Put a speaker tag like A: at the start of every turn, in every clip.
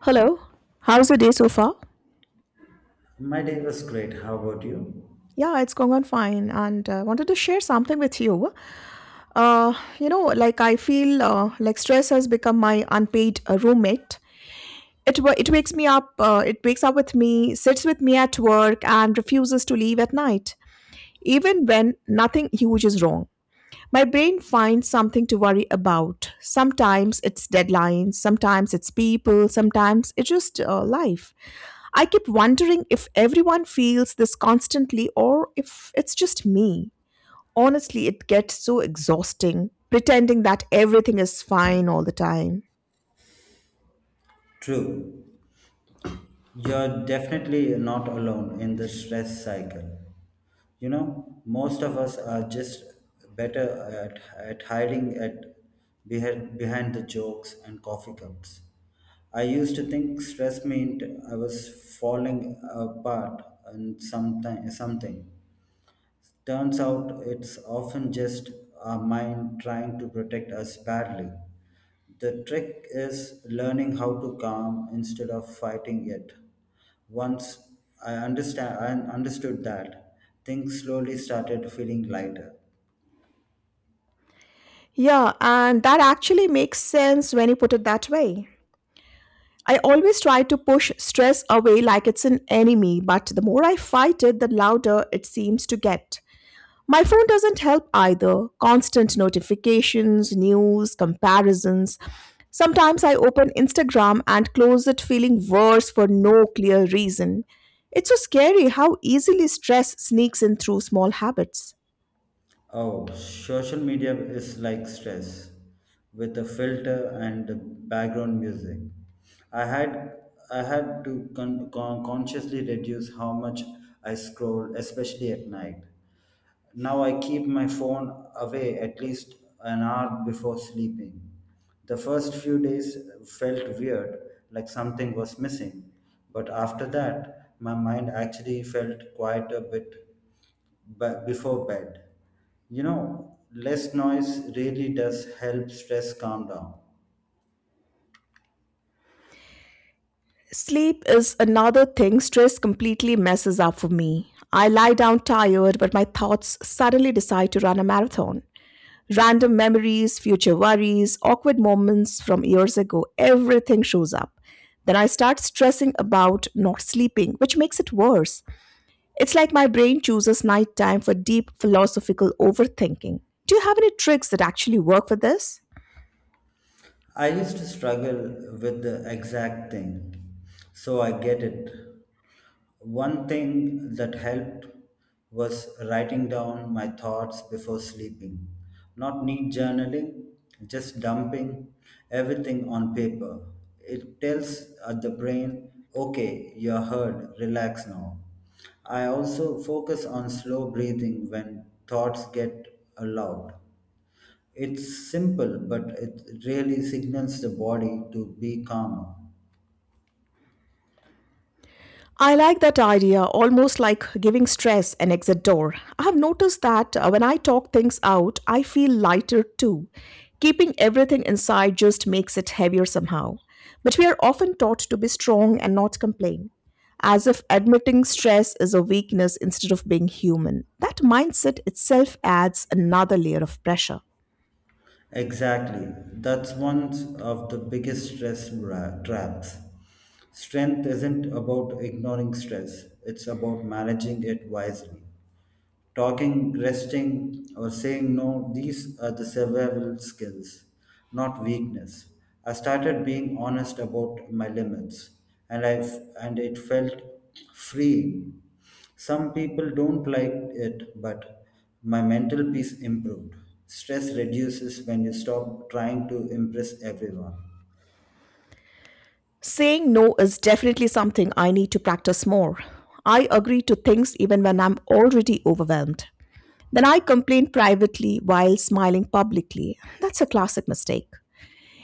A: Hello, how's your day so far?
B: My day was great. How about you?
A: Yeah, it's going on fine, and wanted to share something with you. Uh, like I feel like stress has become my unpaid roommate. It wakes me up. It wakes up with me, sits with me at work, and refuses to leave at night, even when nothing huge is wrong. My brain finds something to worry about. Sometimes it's deadlines, sometimes it's people, sometimes it's just life. I keep wondering if everyone feels this constantly or if it's just me. Honestly, it gets so exhausting pretending that everything is fine all the time.
B: True. You're definitely not alone in the stress cycle. You know, most of us are just better at hiding behind the jokes and coffee cups. I used to think stress meant I was falling apart and something. Turns out it's often just our mind trying to protect us badly. The trick is learning how to calm instead of fighting it. Once I understand I understood that, things slowly started feeling lighter.
A: Yeah, and that actually makes sense when you put it that way. I always try to push stress away like it's an enemy, but the more I fight it, the louder it seems to get. My phone doesn't help either. Constant notifications, news, comparisons, sometimes I open Instagram and close it feeling worse for no clear reason. It's so scary how easily stress sneaks in through small habits.
B: Oh, social media is like stress with a filter and the background music. I had I had to consciously reduce how much I scroll, especially at night. Now I keep my phone away at least an hour before sleeping. The first few days felt weird, like something was missing, but after that, my mind actually felt quite a bit. But before bed. You know, less noise really does help stress calm down.
A: Sleep is another thing stress completely messes up for me. I lie down tired, but my thoughts suddenly decide to run a marathon. Random memories, future worries, awkward moments from years ago, everything shows up. Then I start stressing about not sleeping, which makes it worse. It's like my brain chooses nighttime for deep philosophical overthinking. Do you have any tricks that actually work for this?
B: I used to struggle with the exact thing, so I get it. One thing that helped was writing down my thoughts before sleeping. Not neat journaling, just dumping everything on paper. It tells the brain, okay, you're heard, relax now. I also focus on slow breathing when thoughts get loud. It's simple, but it really signals the body to be calmer.
A: I like that idea, almost like giving stress an exit door. I have noticed that when I talk things out, I feel lighter too. Keeping everything inside just makes it heavier somehow. But we are often taught to be strong and not complain, as if admitting stress is a weakness instead of being human. That mindset itself adds another layer of pressure.
B: Exactly. That's one of the biggest traps. Strength isn't about ignoring stress, it's about managing it wisely. Talking, resting, or saying no, these are the survival skills, not weakness. I started being honest about my limits, and I and it felt freeing. Some people don't like it, but my mental peace improved. Stress reduces when you stop trying to impress everyone,
A: Saying no is definitely something I need to practice more. I agree to things even when I'm already overwhelmed. Then I complain privately while smiling publicly. That's a classic mistake.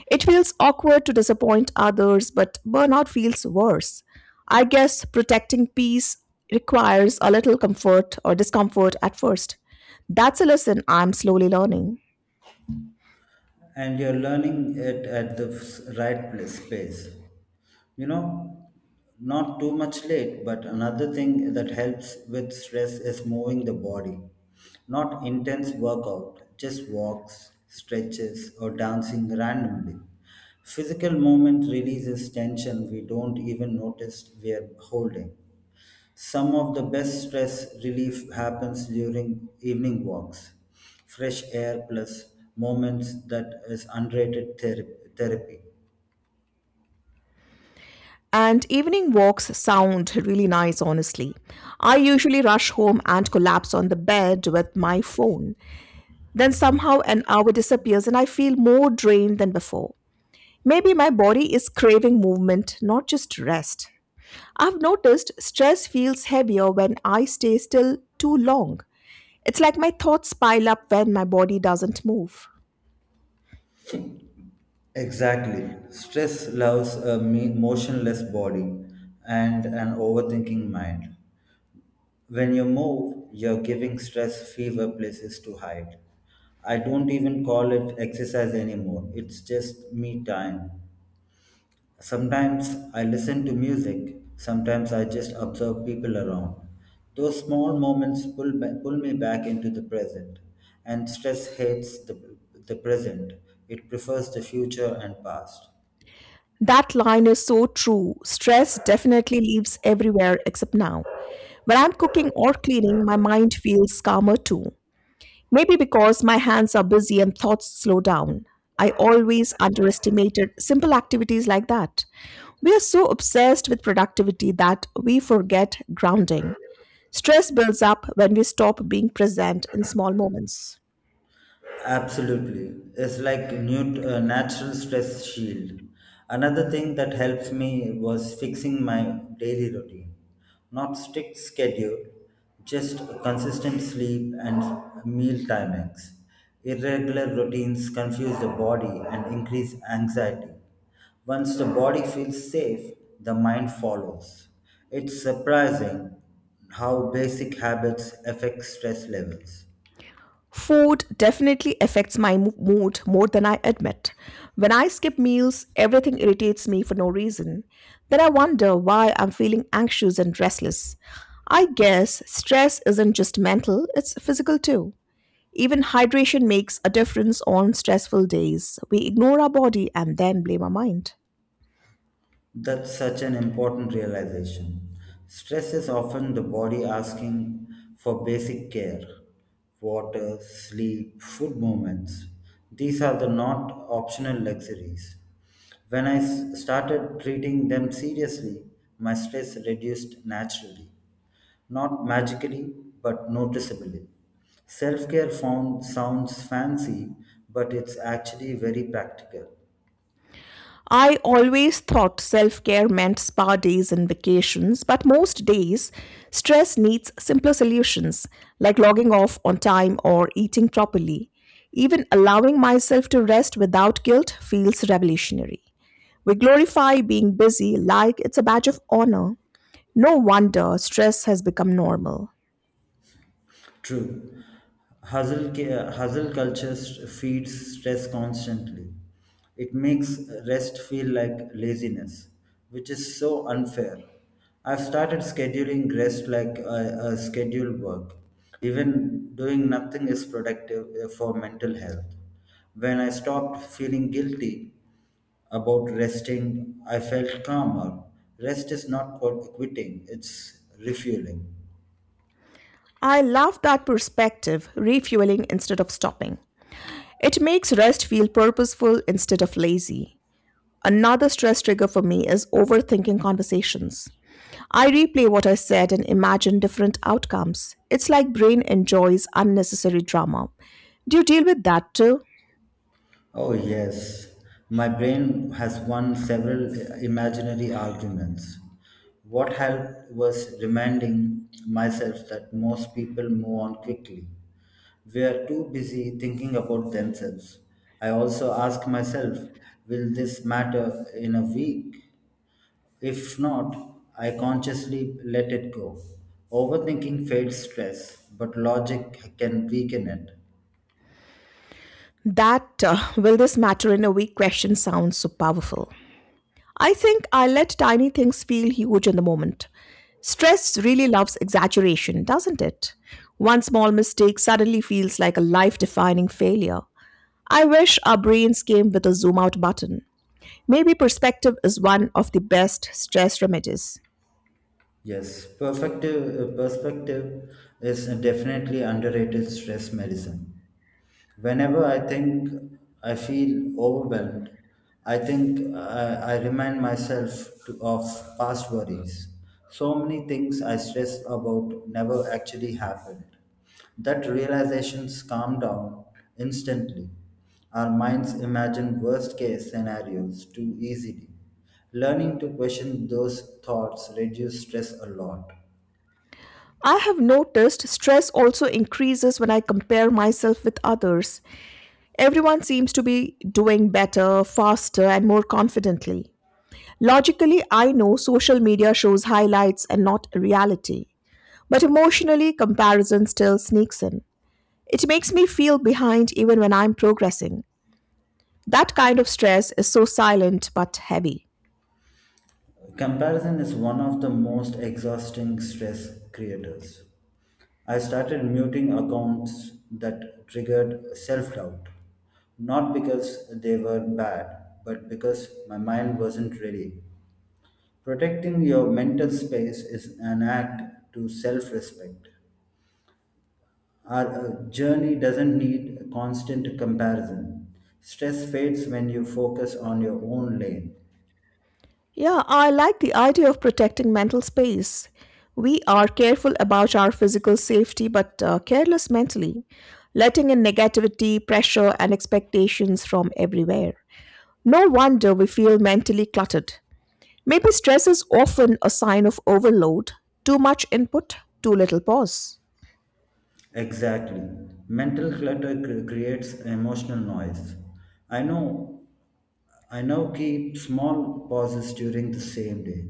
A: It feels awkward to disappoint others, but burnout feels worse. I guess protecting peace requires a little comfort or discomfort at first. That's a lesson I'm slowly learning.
B: and you're learning it at the space. You know, not too much late, but another thing that helps with stress is moving the body, not intense workout, just walks, stretches, or dancing randomly. Physical movement releases tension we don't even notice we are holding. Some of the best stress relief happens during evening walks. Fresh air plus moments that is underrated therapy.
A: And evening walks sound really nice, honestly. I usually rush home and collapse on the bed with my phone. Then somehow an hour disappears and I feel more drained than before. Maybe my body is craving movement, not just rest. I've noticed stress feels heavier when I stay still too long. It's like my thoughts pile up when my body doesn't move.
B: Exactly. Stress loves a motionless body and an overthinking mind. When you move, you're giving stress fever places to hide. I don't even call it exercise anymore, it's just me time. Sometimes I listen to music, sometimes I just observe people around. Those small moments pull me back into the present, and stress hates the present, it prefers the future and past.
A: That line is so true. Stress definitely lives everywhere except now. When I'm cooking or cleaning, my mind feels calmer too. Maybe because my hands are busy and thoughts slow down. I always underestimated simple activities like that. We are so obsessed with productivity that we forget grounding. Stress builds up when we stop being present in small moments.
B: Absolutely. It's like new natural stress shield. Another thing that helps me was fixing my daily routine. Not strict schedule, just consistent sleep and meal timings. Irregular routines confuse the body and increase anxiety. Once the body feels safe, the mind follows. It's surprising how basic habits affect stress levels.
A: Food definitely affects my mood more than I admit. When I skip meals, everything irritates me for no reason. Then I wonder why I'm feeling anxious and restless. I guess stress isn't just mental, it's physical too. Even hydration makes a difference on stressful days. We ignore our body and then blame our mind.
B: That's such an important realization. Stress is often the body asking for basic care, water, sleep, food movements. These are the not optional luxuries. When started treating them seriously, my stress reduced naturally, not magically, but noticeably. Self care found sounds fancy, but it's actually very practical.
A: I always thought self care meant spa days and vacations, but most days, stress needs simpler solutions like logging off on time or eating properly. Even allowing myself to rest without guilt feels revolutionary. We glorify being busy like it's a badge of honor. No wonder stress has become normal.
B: True. Hustle feeds stress constantly. It makes rest feel like laziness, which is so unfair. I've started scheduling rest like a scheduled work. Even doing nothing is productive for mental health. When I stopped feeling guilty about resting, I felt calmer. Rest is not quitting, it's refueling.
A: I love that perspective, refueling instead of stopping. It makes rest feel purposeful instead of lazy. Another stress trigger for me is overthinking conversations. I replay what I said and imagine different outcomes. It's like brain enjoys unnecessary drama. Do you deal with that too?
B: Oh, yes. My brain has won several imaginary arguments. What helped was reminding myself that most people move on quickly. We are too busy thinking about themselves. I also ask myself, will this matter in a week? If not, I consciously let it go. Overthinking fades stress, but logic can weaken it.
A: That will this matter in a week question sounds so powerful. I think I let tiny things feel huge in the moment. Stress really loves exaggeration, doesn't it? One small mistake suddenly feels like a life defining failure. I wish our brains came with a zoom out button. Maybe perspective is one of the best stress remedies.
B: Yes, perspective is definitely underrated stress medicine. Whenever I feel overwhelmed, I remind of past worries. So many things I stressed about never actually happened. That realization calmed down instantly. Our minds imagine worst case scenarios too easily. Learning to question those thoughts reduces stress a lot.
A: I have noticed stress also increases when I compare myself with others. Everyone seems to be doing better, faster, and more confidently. Logically, I know social media shows highlights and not reality. But emotionally, comparison still sneaks in. It makes me feel behind even when I'm progressing. That kind of stress is so silent but heavy.
B: Comparison is one of the most exhausting stress creators. I started muting accounts that triggered self doubt, not because they were bad, but because my mind wasn't ready. Protecting your mental space is an act to self respect. Our journey doesn't need a constant comparison. Stress fades when you focus on your own lane.
A: Yeah, I like the idea of protecting mental space. We are careful about our physical safety but careless mentally, letting in negativity, pressure, and expectations from everywhere. No wonder we feel mentally cluttered. Maybe stress is often a sign of overload, too much input, too little pause.
B: Exactly. Mental clutter creates emotional noise. I know I now keep small pauses during the same day.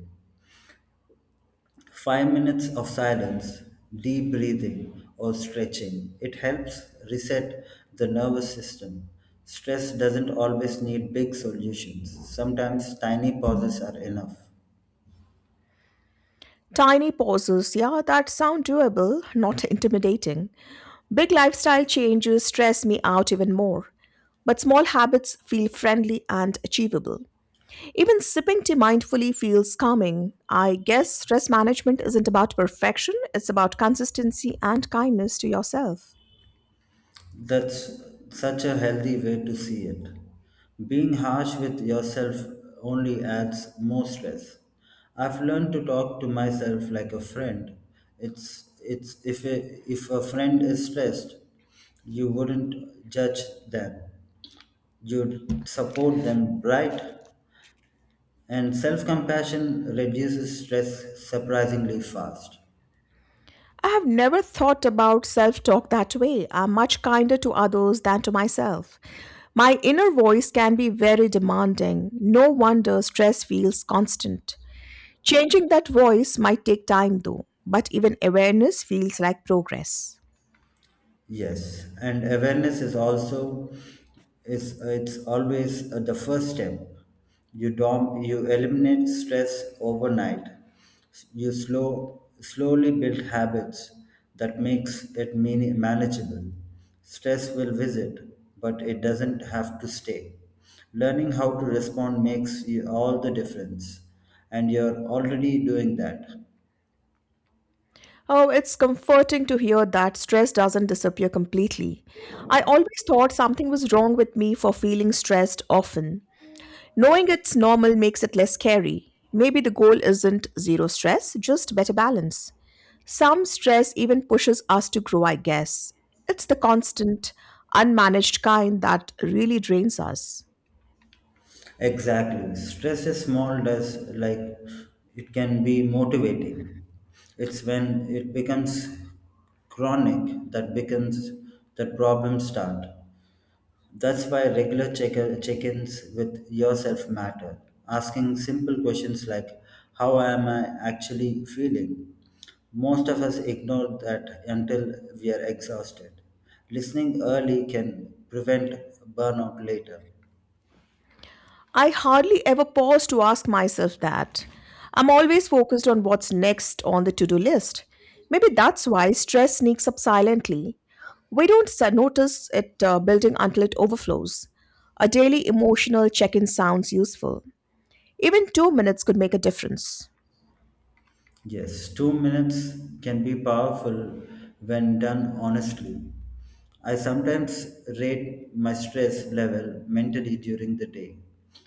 B: 5 minutes of silence, deep breathing, or stretching. It helps reset the nervous system. Stress doesn't always need big solutions, sometimes tiny pauses are enough.
A: Tiny pauses, yeah, that sound doable, not intimidating. Big lifestyle changes stress me out even more. But small habits feel friendly and achievable. Even sipping tea mindfully feels calming. I guess stress management isn't about perfection, it's about consistency and kindness to yourself.
B: That's such a healthy way to see it. Being harsh with yourself only adds more stress. I've learned to talk to myself like a friend. It's if a friend is stressed, you wouldn't judge them. You'd support them, right? And self-compassion reduces stress surprisingly fast.
A: I have never thought about self talk that way. I'm much kinder to others than to myself. My inner voice can be very demanding. No wonder stress feels constant. Changing that voice might take time though, but even awareness feels like progress.
B: Yes, and awareness is also is it's always the first step. You eliminate stress overnight. You slow slowly build habits that makes it manageable. Stress will visit, but it doesn't have to stay. Learning how to respond makes you all the difference, and you're already doing that.
A: Oh, it's comforting to hear that stress doesn't disappear completely. I always thought something was wrong with me for feeling stressed often. Knowing it's normal makes it less scary. Maybe the goal isn't zero stress, just better balance. Some stress even pushes us to grow, I guess. It's the constant, unmanaged kind that really drains us.
B: Exactly. Stress is small does like it can be motivating. It's when it becomes chronic that becomes that problems start. That's why regular check-ins with yourself matter. Asking simple questions like how am I actually feeling? Most of us ignore that until we are exhausted. Listening early can prevent burnout later.
A: I hardly ever pause to ask myself that. I'm always focused on what's next on the to do list. Maybe that's why stress sneaks up silently. We don't notice it building until it overflows. A daily emotional check in sounds useful. Even 2 minutes could make a difference.
B: Yes, 2 minutes can be powerful when done honestly. I sometimes rate my stress level mentally during the day.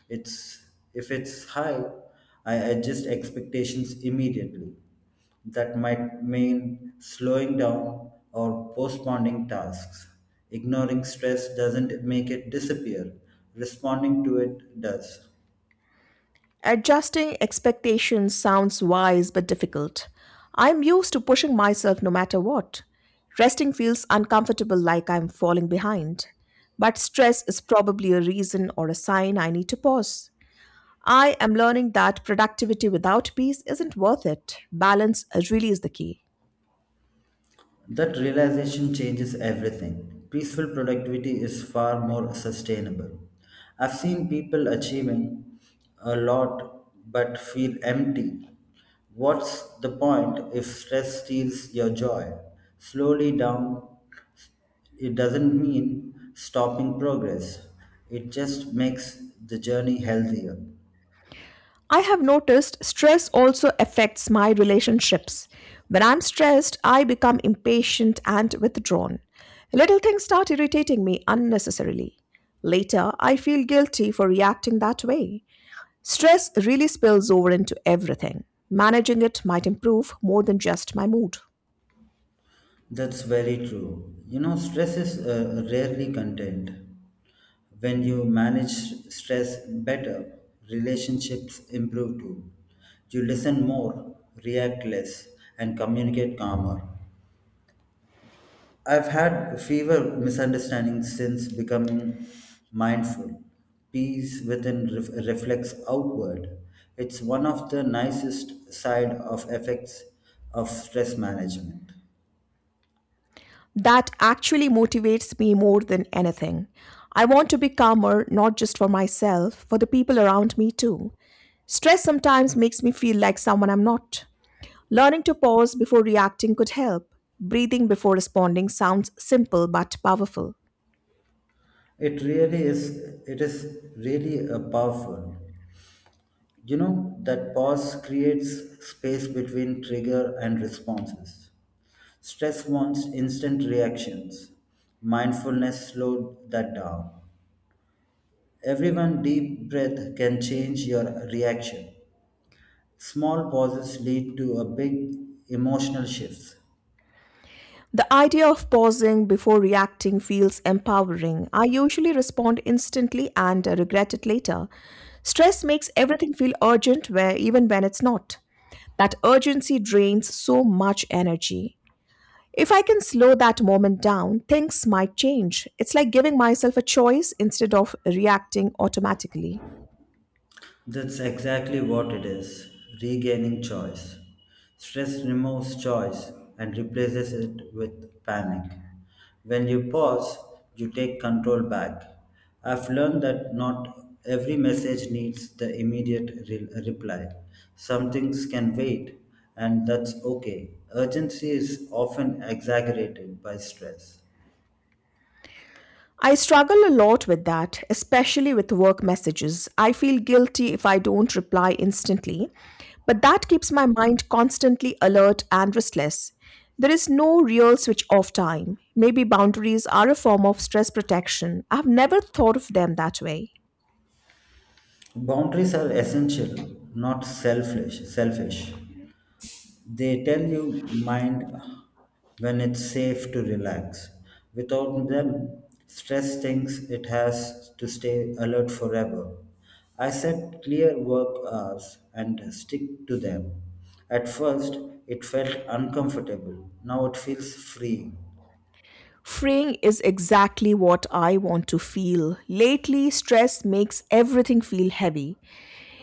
B: It's If it's high, I adjust expectations immediately. That might mean slowing down or postponing tasks. Ignoring stress doesn't make it disappear. Responding to it does.
A: Adjusting expectations sounds wise but difficult. I'm used to pushing myself no matter what. Resting feels uncomfortable like I'm falling behind. But stress is probably a reason or a sign I need to pause. I am learning that productivity without peace isn't worth it. Balance really is the key.
B: That realization changes everything. Peaceful productivity is far more sustainable. I've seen people achieving a lot but feel empty. What's the point if stress steals your joy? Slowly down, it doesn't mean stopping progress, it just makes the journey healthier.
A: I have noticed stress also affects my relationships. When I'm stressed, I become impatient and withdrawn. Little things start irritating me unnecessarily. Later, I feel guilty for reacting that way. Stress really spills over into everything. Managing it might improve more than just my mood.
B: That's very true. You know, stress is rarely contained. When you manage stress better, relationships improve too. You listen more, react less, and communicate calmer. I've had fewer misunderstandings since becoming mindful. Peace within reflects outward. It's one of the nicest side of effects of stress management.
A: That actually motivates me more than anything. I want to be calmer not just for myself, for the people around me too. Stress sometimes makes me feel like someone I'm not. Learning to pause before reacting could help. Breathing before responding sounds simple but powerful.
B: It really is. It is really a powerful. You know that pause creates space between trigger and responses. Stress wants instant reactions. Mindfulness slowed that down. Every one deep breath can change your reaction. Small pauses lead to a big emotional shifts.
A: The idea of pausing before reacting feels empowering. I usually respond instantly and regret it later. Stress makes everything feel urgent where even when it's not. That urgency drains so much energy. If I can slow that moment down, things might change. It's like giving myself a choice instead of reacting automatically.
B: That's exactly what it is regaining choice. Stress removes choice and replaces it with panic. When you pause, you take control back. I've learned that not every message needs the reply. Some things can wait, and that's okay. Urgency is often exaggerated by stress.
A: I struggle a lot with that, especially with work messages. I feel guilty if I don't reply instantly, but that keeps my mind constantly alert and restless. There is no real switch off time. Maybe boundaries are a form of stress protection. I've never thought of them that way.
B: Boundaries are essential, not selfish. They tell you mind when it's safe to relax. Without them, stress thinks it has to stay alert forever. I set clear work hours and stick to them. At first, it felt uncomfortable. Now it feels free.
A: Freeing is exactly what I want to feel. Lately, stress makes everything feel heavy.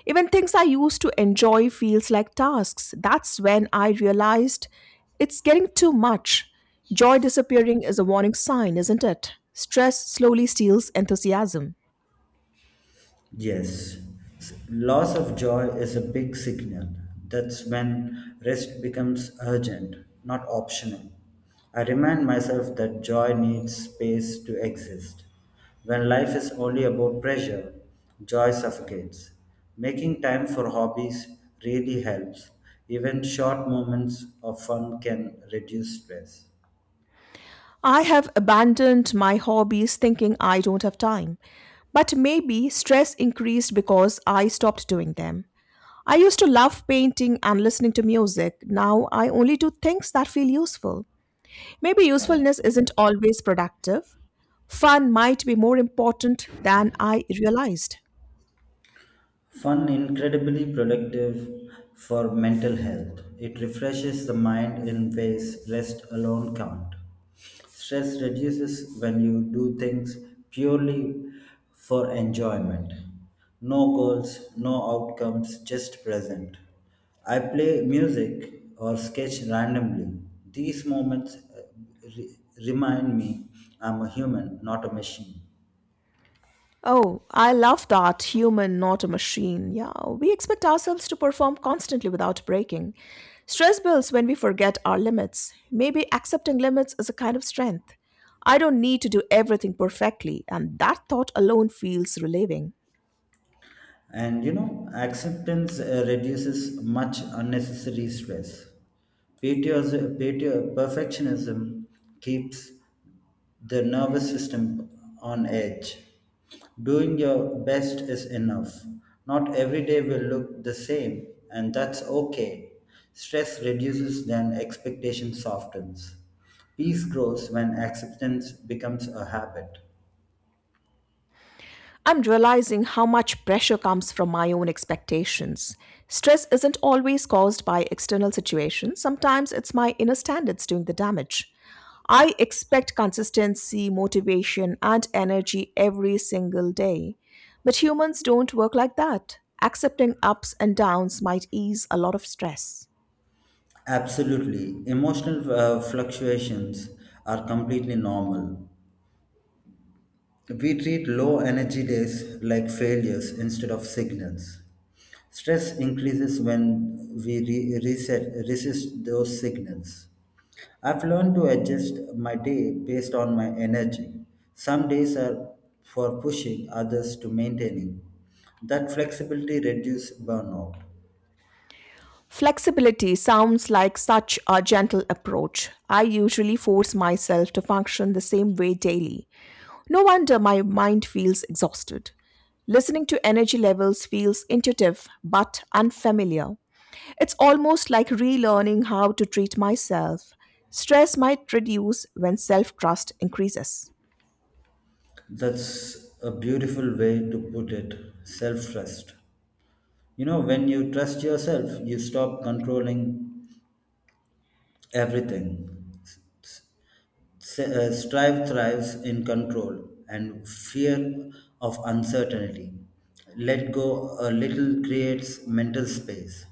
A: Even things I used to enjoy feels like tasks. That's when I realized it's getting too much. Joy disappearing is a warning sign, isn't it? Stress slowly steals enthusiasm.
B: Yes, loss of joy is a big signal. That's when rest becomes urgent, not optional. I remind myself that joy needs space to exist. When life is only about pressure, joy suffocates. Making time for hobbies really helps. Even short moments of fun can reduce stress.
A: I have abandoned my hobbies thinking I don't have time. But maybe stress increased because I stopped doing them. I used to love painting and listening to music. Now I only do things that feel useful. Maybe usefulness isn't always productive. Fun might be more important than I realized.
B: Fun incredibly productive for mental health. It refreshes the mind in ways rest alone can't. Stress reduces when you do things purely for enjoyment. No goals, no outcomes, just present. I play music or sketch randomly. These moments re- remind me I'm a human, not a machine.
A: Oh, I love that human, not a machine. Yeah, we expect ourselves to perform constantly without breaking. Stress builds when we forget our limits. Maybe accepting limits is a kind of strength. I don't need to do everything perfectly, and that thought alone feels relieving.
B: And you know, acceptance reduces much unnecessary stress. Perfectionism keeps the nervous system on edge. Doing your best is enough. Not every day will look the same, and that's okay. Stress reduces when expectation softens. Peace grows when acceptance becomes a habit.
A: I'm realizing how much pressure comes from my own expectations. Stress isn't always caused by external situations, sometimes it's my inner standards doing the damage. I expect consistency, motivation, and energy every single day. But humans don't work like that. Accepting ups and downs might ease a lot of stress.
B: Absolutely. Emotional fluctuations are completely normal. We treat low energy days like failures instead of signals. Stress increases when we re- reset, resist those signals. I've learned to adjust my day based on my energy. Some days are for pushing, others to maintaining. That flexibility reduces burnout.
A: Flexibility sounds like such a gentle approach. I usually force myself to function the same way daily. No wonder my mind feels exhausted. Listening to energy levels feels intuitive but unfamiliar. It's almost like relearning how to treat myself. Stress might reduce when self trust increases.
B: That's a beautiful way to put it, self trust. You know, when you trust yourself, you stop controlling everything. Strive thrives in control and fear of uncertainty. Let go a little creates mental space.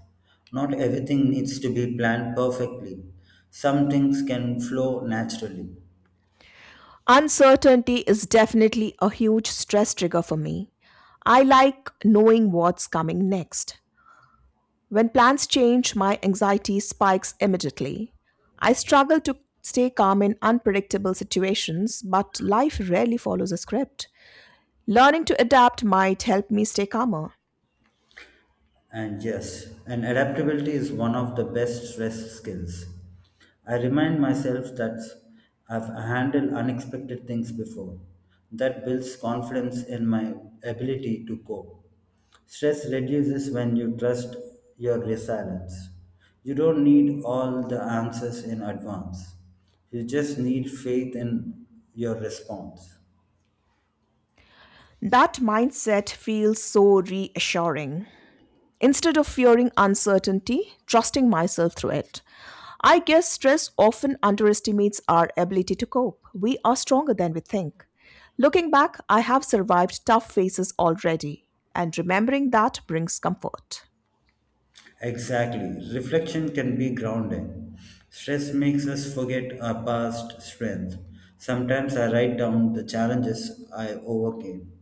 B: Not everything needs to be planned perfectly. Some things can flow naturally.
A: Uncertainty is definitely a huge stress trigger for me. I like knowing what's coming next. When plans change, my anxiety spikes immediately. I struggle to stay calm in unpredictable situations, but life rarely follows a script. Learning to adapt might help me stay calmer.
B: And adaptability is one of the best stress skills. I remind myself that I've handled unexpected things before. That builds confidence in my ability to cope. Stress reduces when you trust your resilience. You don't need all the answers in advance. You just need faith in your response.
A: That mindset feels so reassuring. Instead of fearing uncertainty, trusting myself through it. I guess stress often underestimates our ability to cope. We are stronger than we think. Looking back, I have survived tough phases already, and remembering that brings comfort.
B: Exactly. Reflection can be grounding. Stress makes us forget our past strength. Sometimes I write down the challenges I overcame.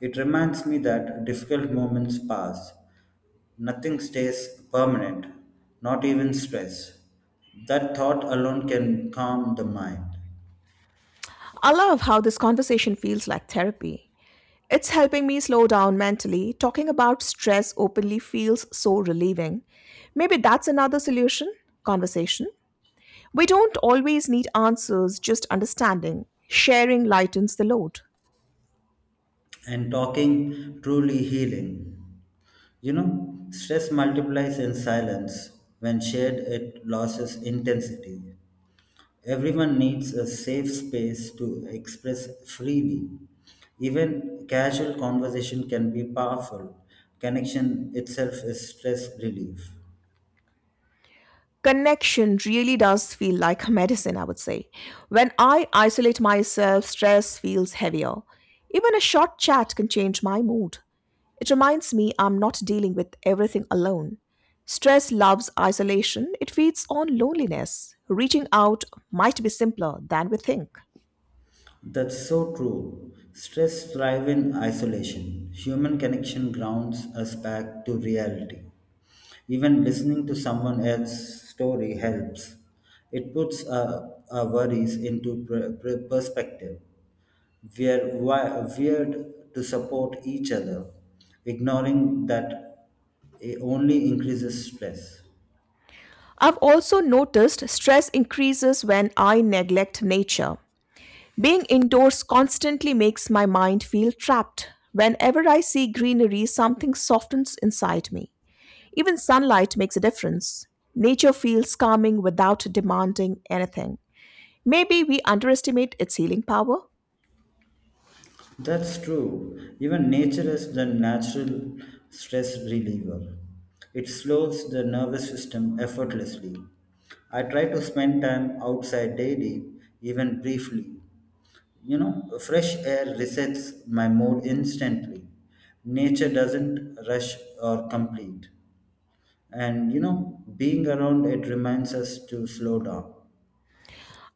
B: It reminds me that difficult moments pass. Nothing stays permanent, not even stress. That thought alone can calm the mind.
A: I love how this conversation feels like therapy. It's helping me slow down mentally. Talking about stress openly feels so relieving. Maybe that's another solution, conversation. We don't always need answers, just understanding. Sharing lightens the load.
B: And talking truly healing. You know, stress multiplies in silence. When shared, it loses intensity. Everyone needs a safe space to express freely. Even casual conversation can be powerful. Connection itself is stress relief.
A: Connection really does feel like a medicine, I would say. When I isolate myself, stress feels heavier. Even a short chat can change my mood. It reminds me I'm not dealing with everything alone. Stress loves isolation, it feeds on loneliness. Reaching out might be simpler than we think.
B: That's so true. Stress thrives in isolation. Human connection grounds us back to reality. Even listening to someone else's story helps. It puts our worries into perspective. We are wired to support each other. Ignoring that only increases stress.
A: I've also noticed stress increases when I neglect nature. Being indoors constantly makes my mind feel trapped. Whenever I see greenery, something softens inside me. Even sunlight makes a difference. Nature feels calming without demanding anything. Maybe we underestimate its healing power.
B: That's true. Even nature is the natural stress reliever. It slows the nervous system effortlessly. I try to spend time outside daily, even briefly. You know, fresh air resets my mood instantly. Nature doesn't rush or complete. And you know, being around it reminds us to slow down.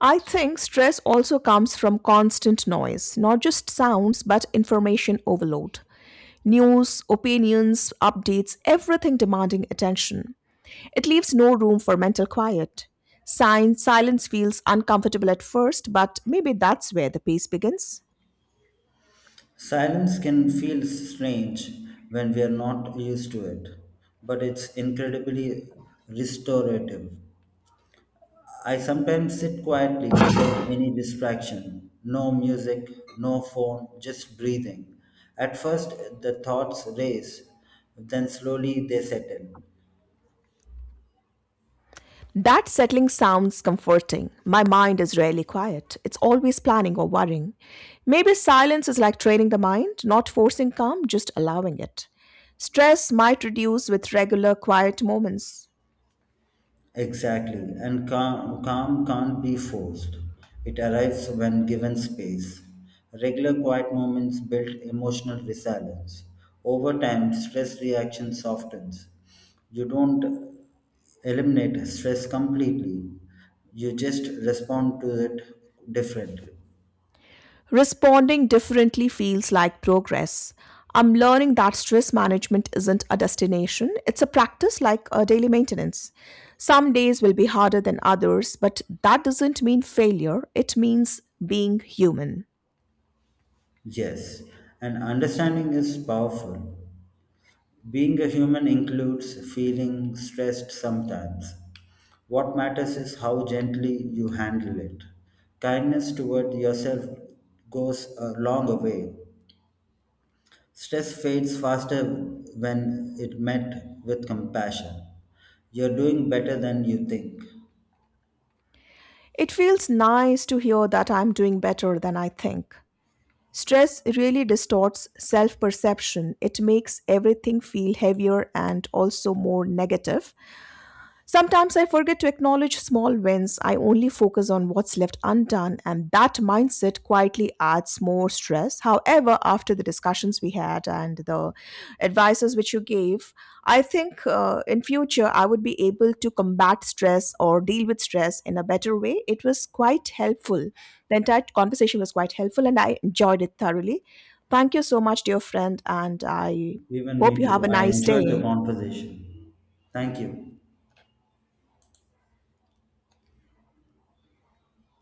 A: I think stress also comes from constant noise, not just sounds, but information overload. News, opinions, updates, everything demanding attention. It leaves no room for mental quiet. Sign, silence feels uncomfortable at first, but maybe that's where the peace begins.
B: Silence can feel strange when we are not used to it, but it's incredibly restorative. I sometimes sit quietly without any distraction, no music, no phone, just breathing. At first, the thoughts race, then slowly they settle.
A: That settling sounds comforting. My mind is rarely quiet. It's always planning or worrying. Maybe silence is like training the mind, not forcing calm, just allowing it. Stress might reduce with regular quiet moments.
B: Exactly, and calm can't be forced. It arrives when given space. Regular quiet moments build emotional resilience. Over time, stress reaction softens. You don't eliminate stress completely, you just respond to it differently.
A: Responding differently feels like progress. I'm learning that stress management isn't a destination, it's a practice like a daily maintenance. Some days will be harder than others, but that doesn't mean failure, it means being human.
B: Yes, and understanding is powerful. Being a human includes feeling stressed sometimes. What matters is how gently you handle it. Kindness toward yourself goes a long way. Stress fades faster when it met with compassion. You're doing better than you think.
A: It feels nice to hear that I'm doing better than I think. Stress really distorts self perception. It makes everything feel heavier and also more negative. Sometimes I forget to acknowledge small wins. I only focus on what's left undone, and that mindset quietly adds more stress. However, after the discussions we had and the advices which you gave, I think in future I would be able to combat stress or deal with stress in a better way. It was quite helpful. The entire conversation was quite helpful, and I enjoyed it thoroughly. Thank you so much, dear friend, and I
B: Even
A: hope
B: me
A: you have
B: too.
A: a
B: I
A: nice
B: enjoyed the
A: day.
B: conversation. Thank you.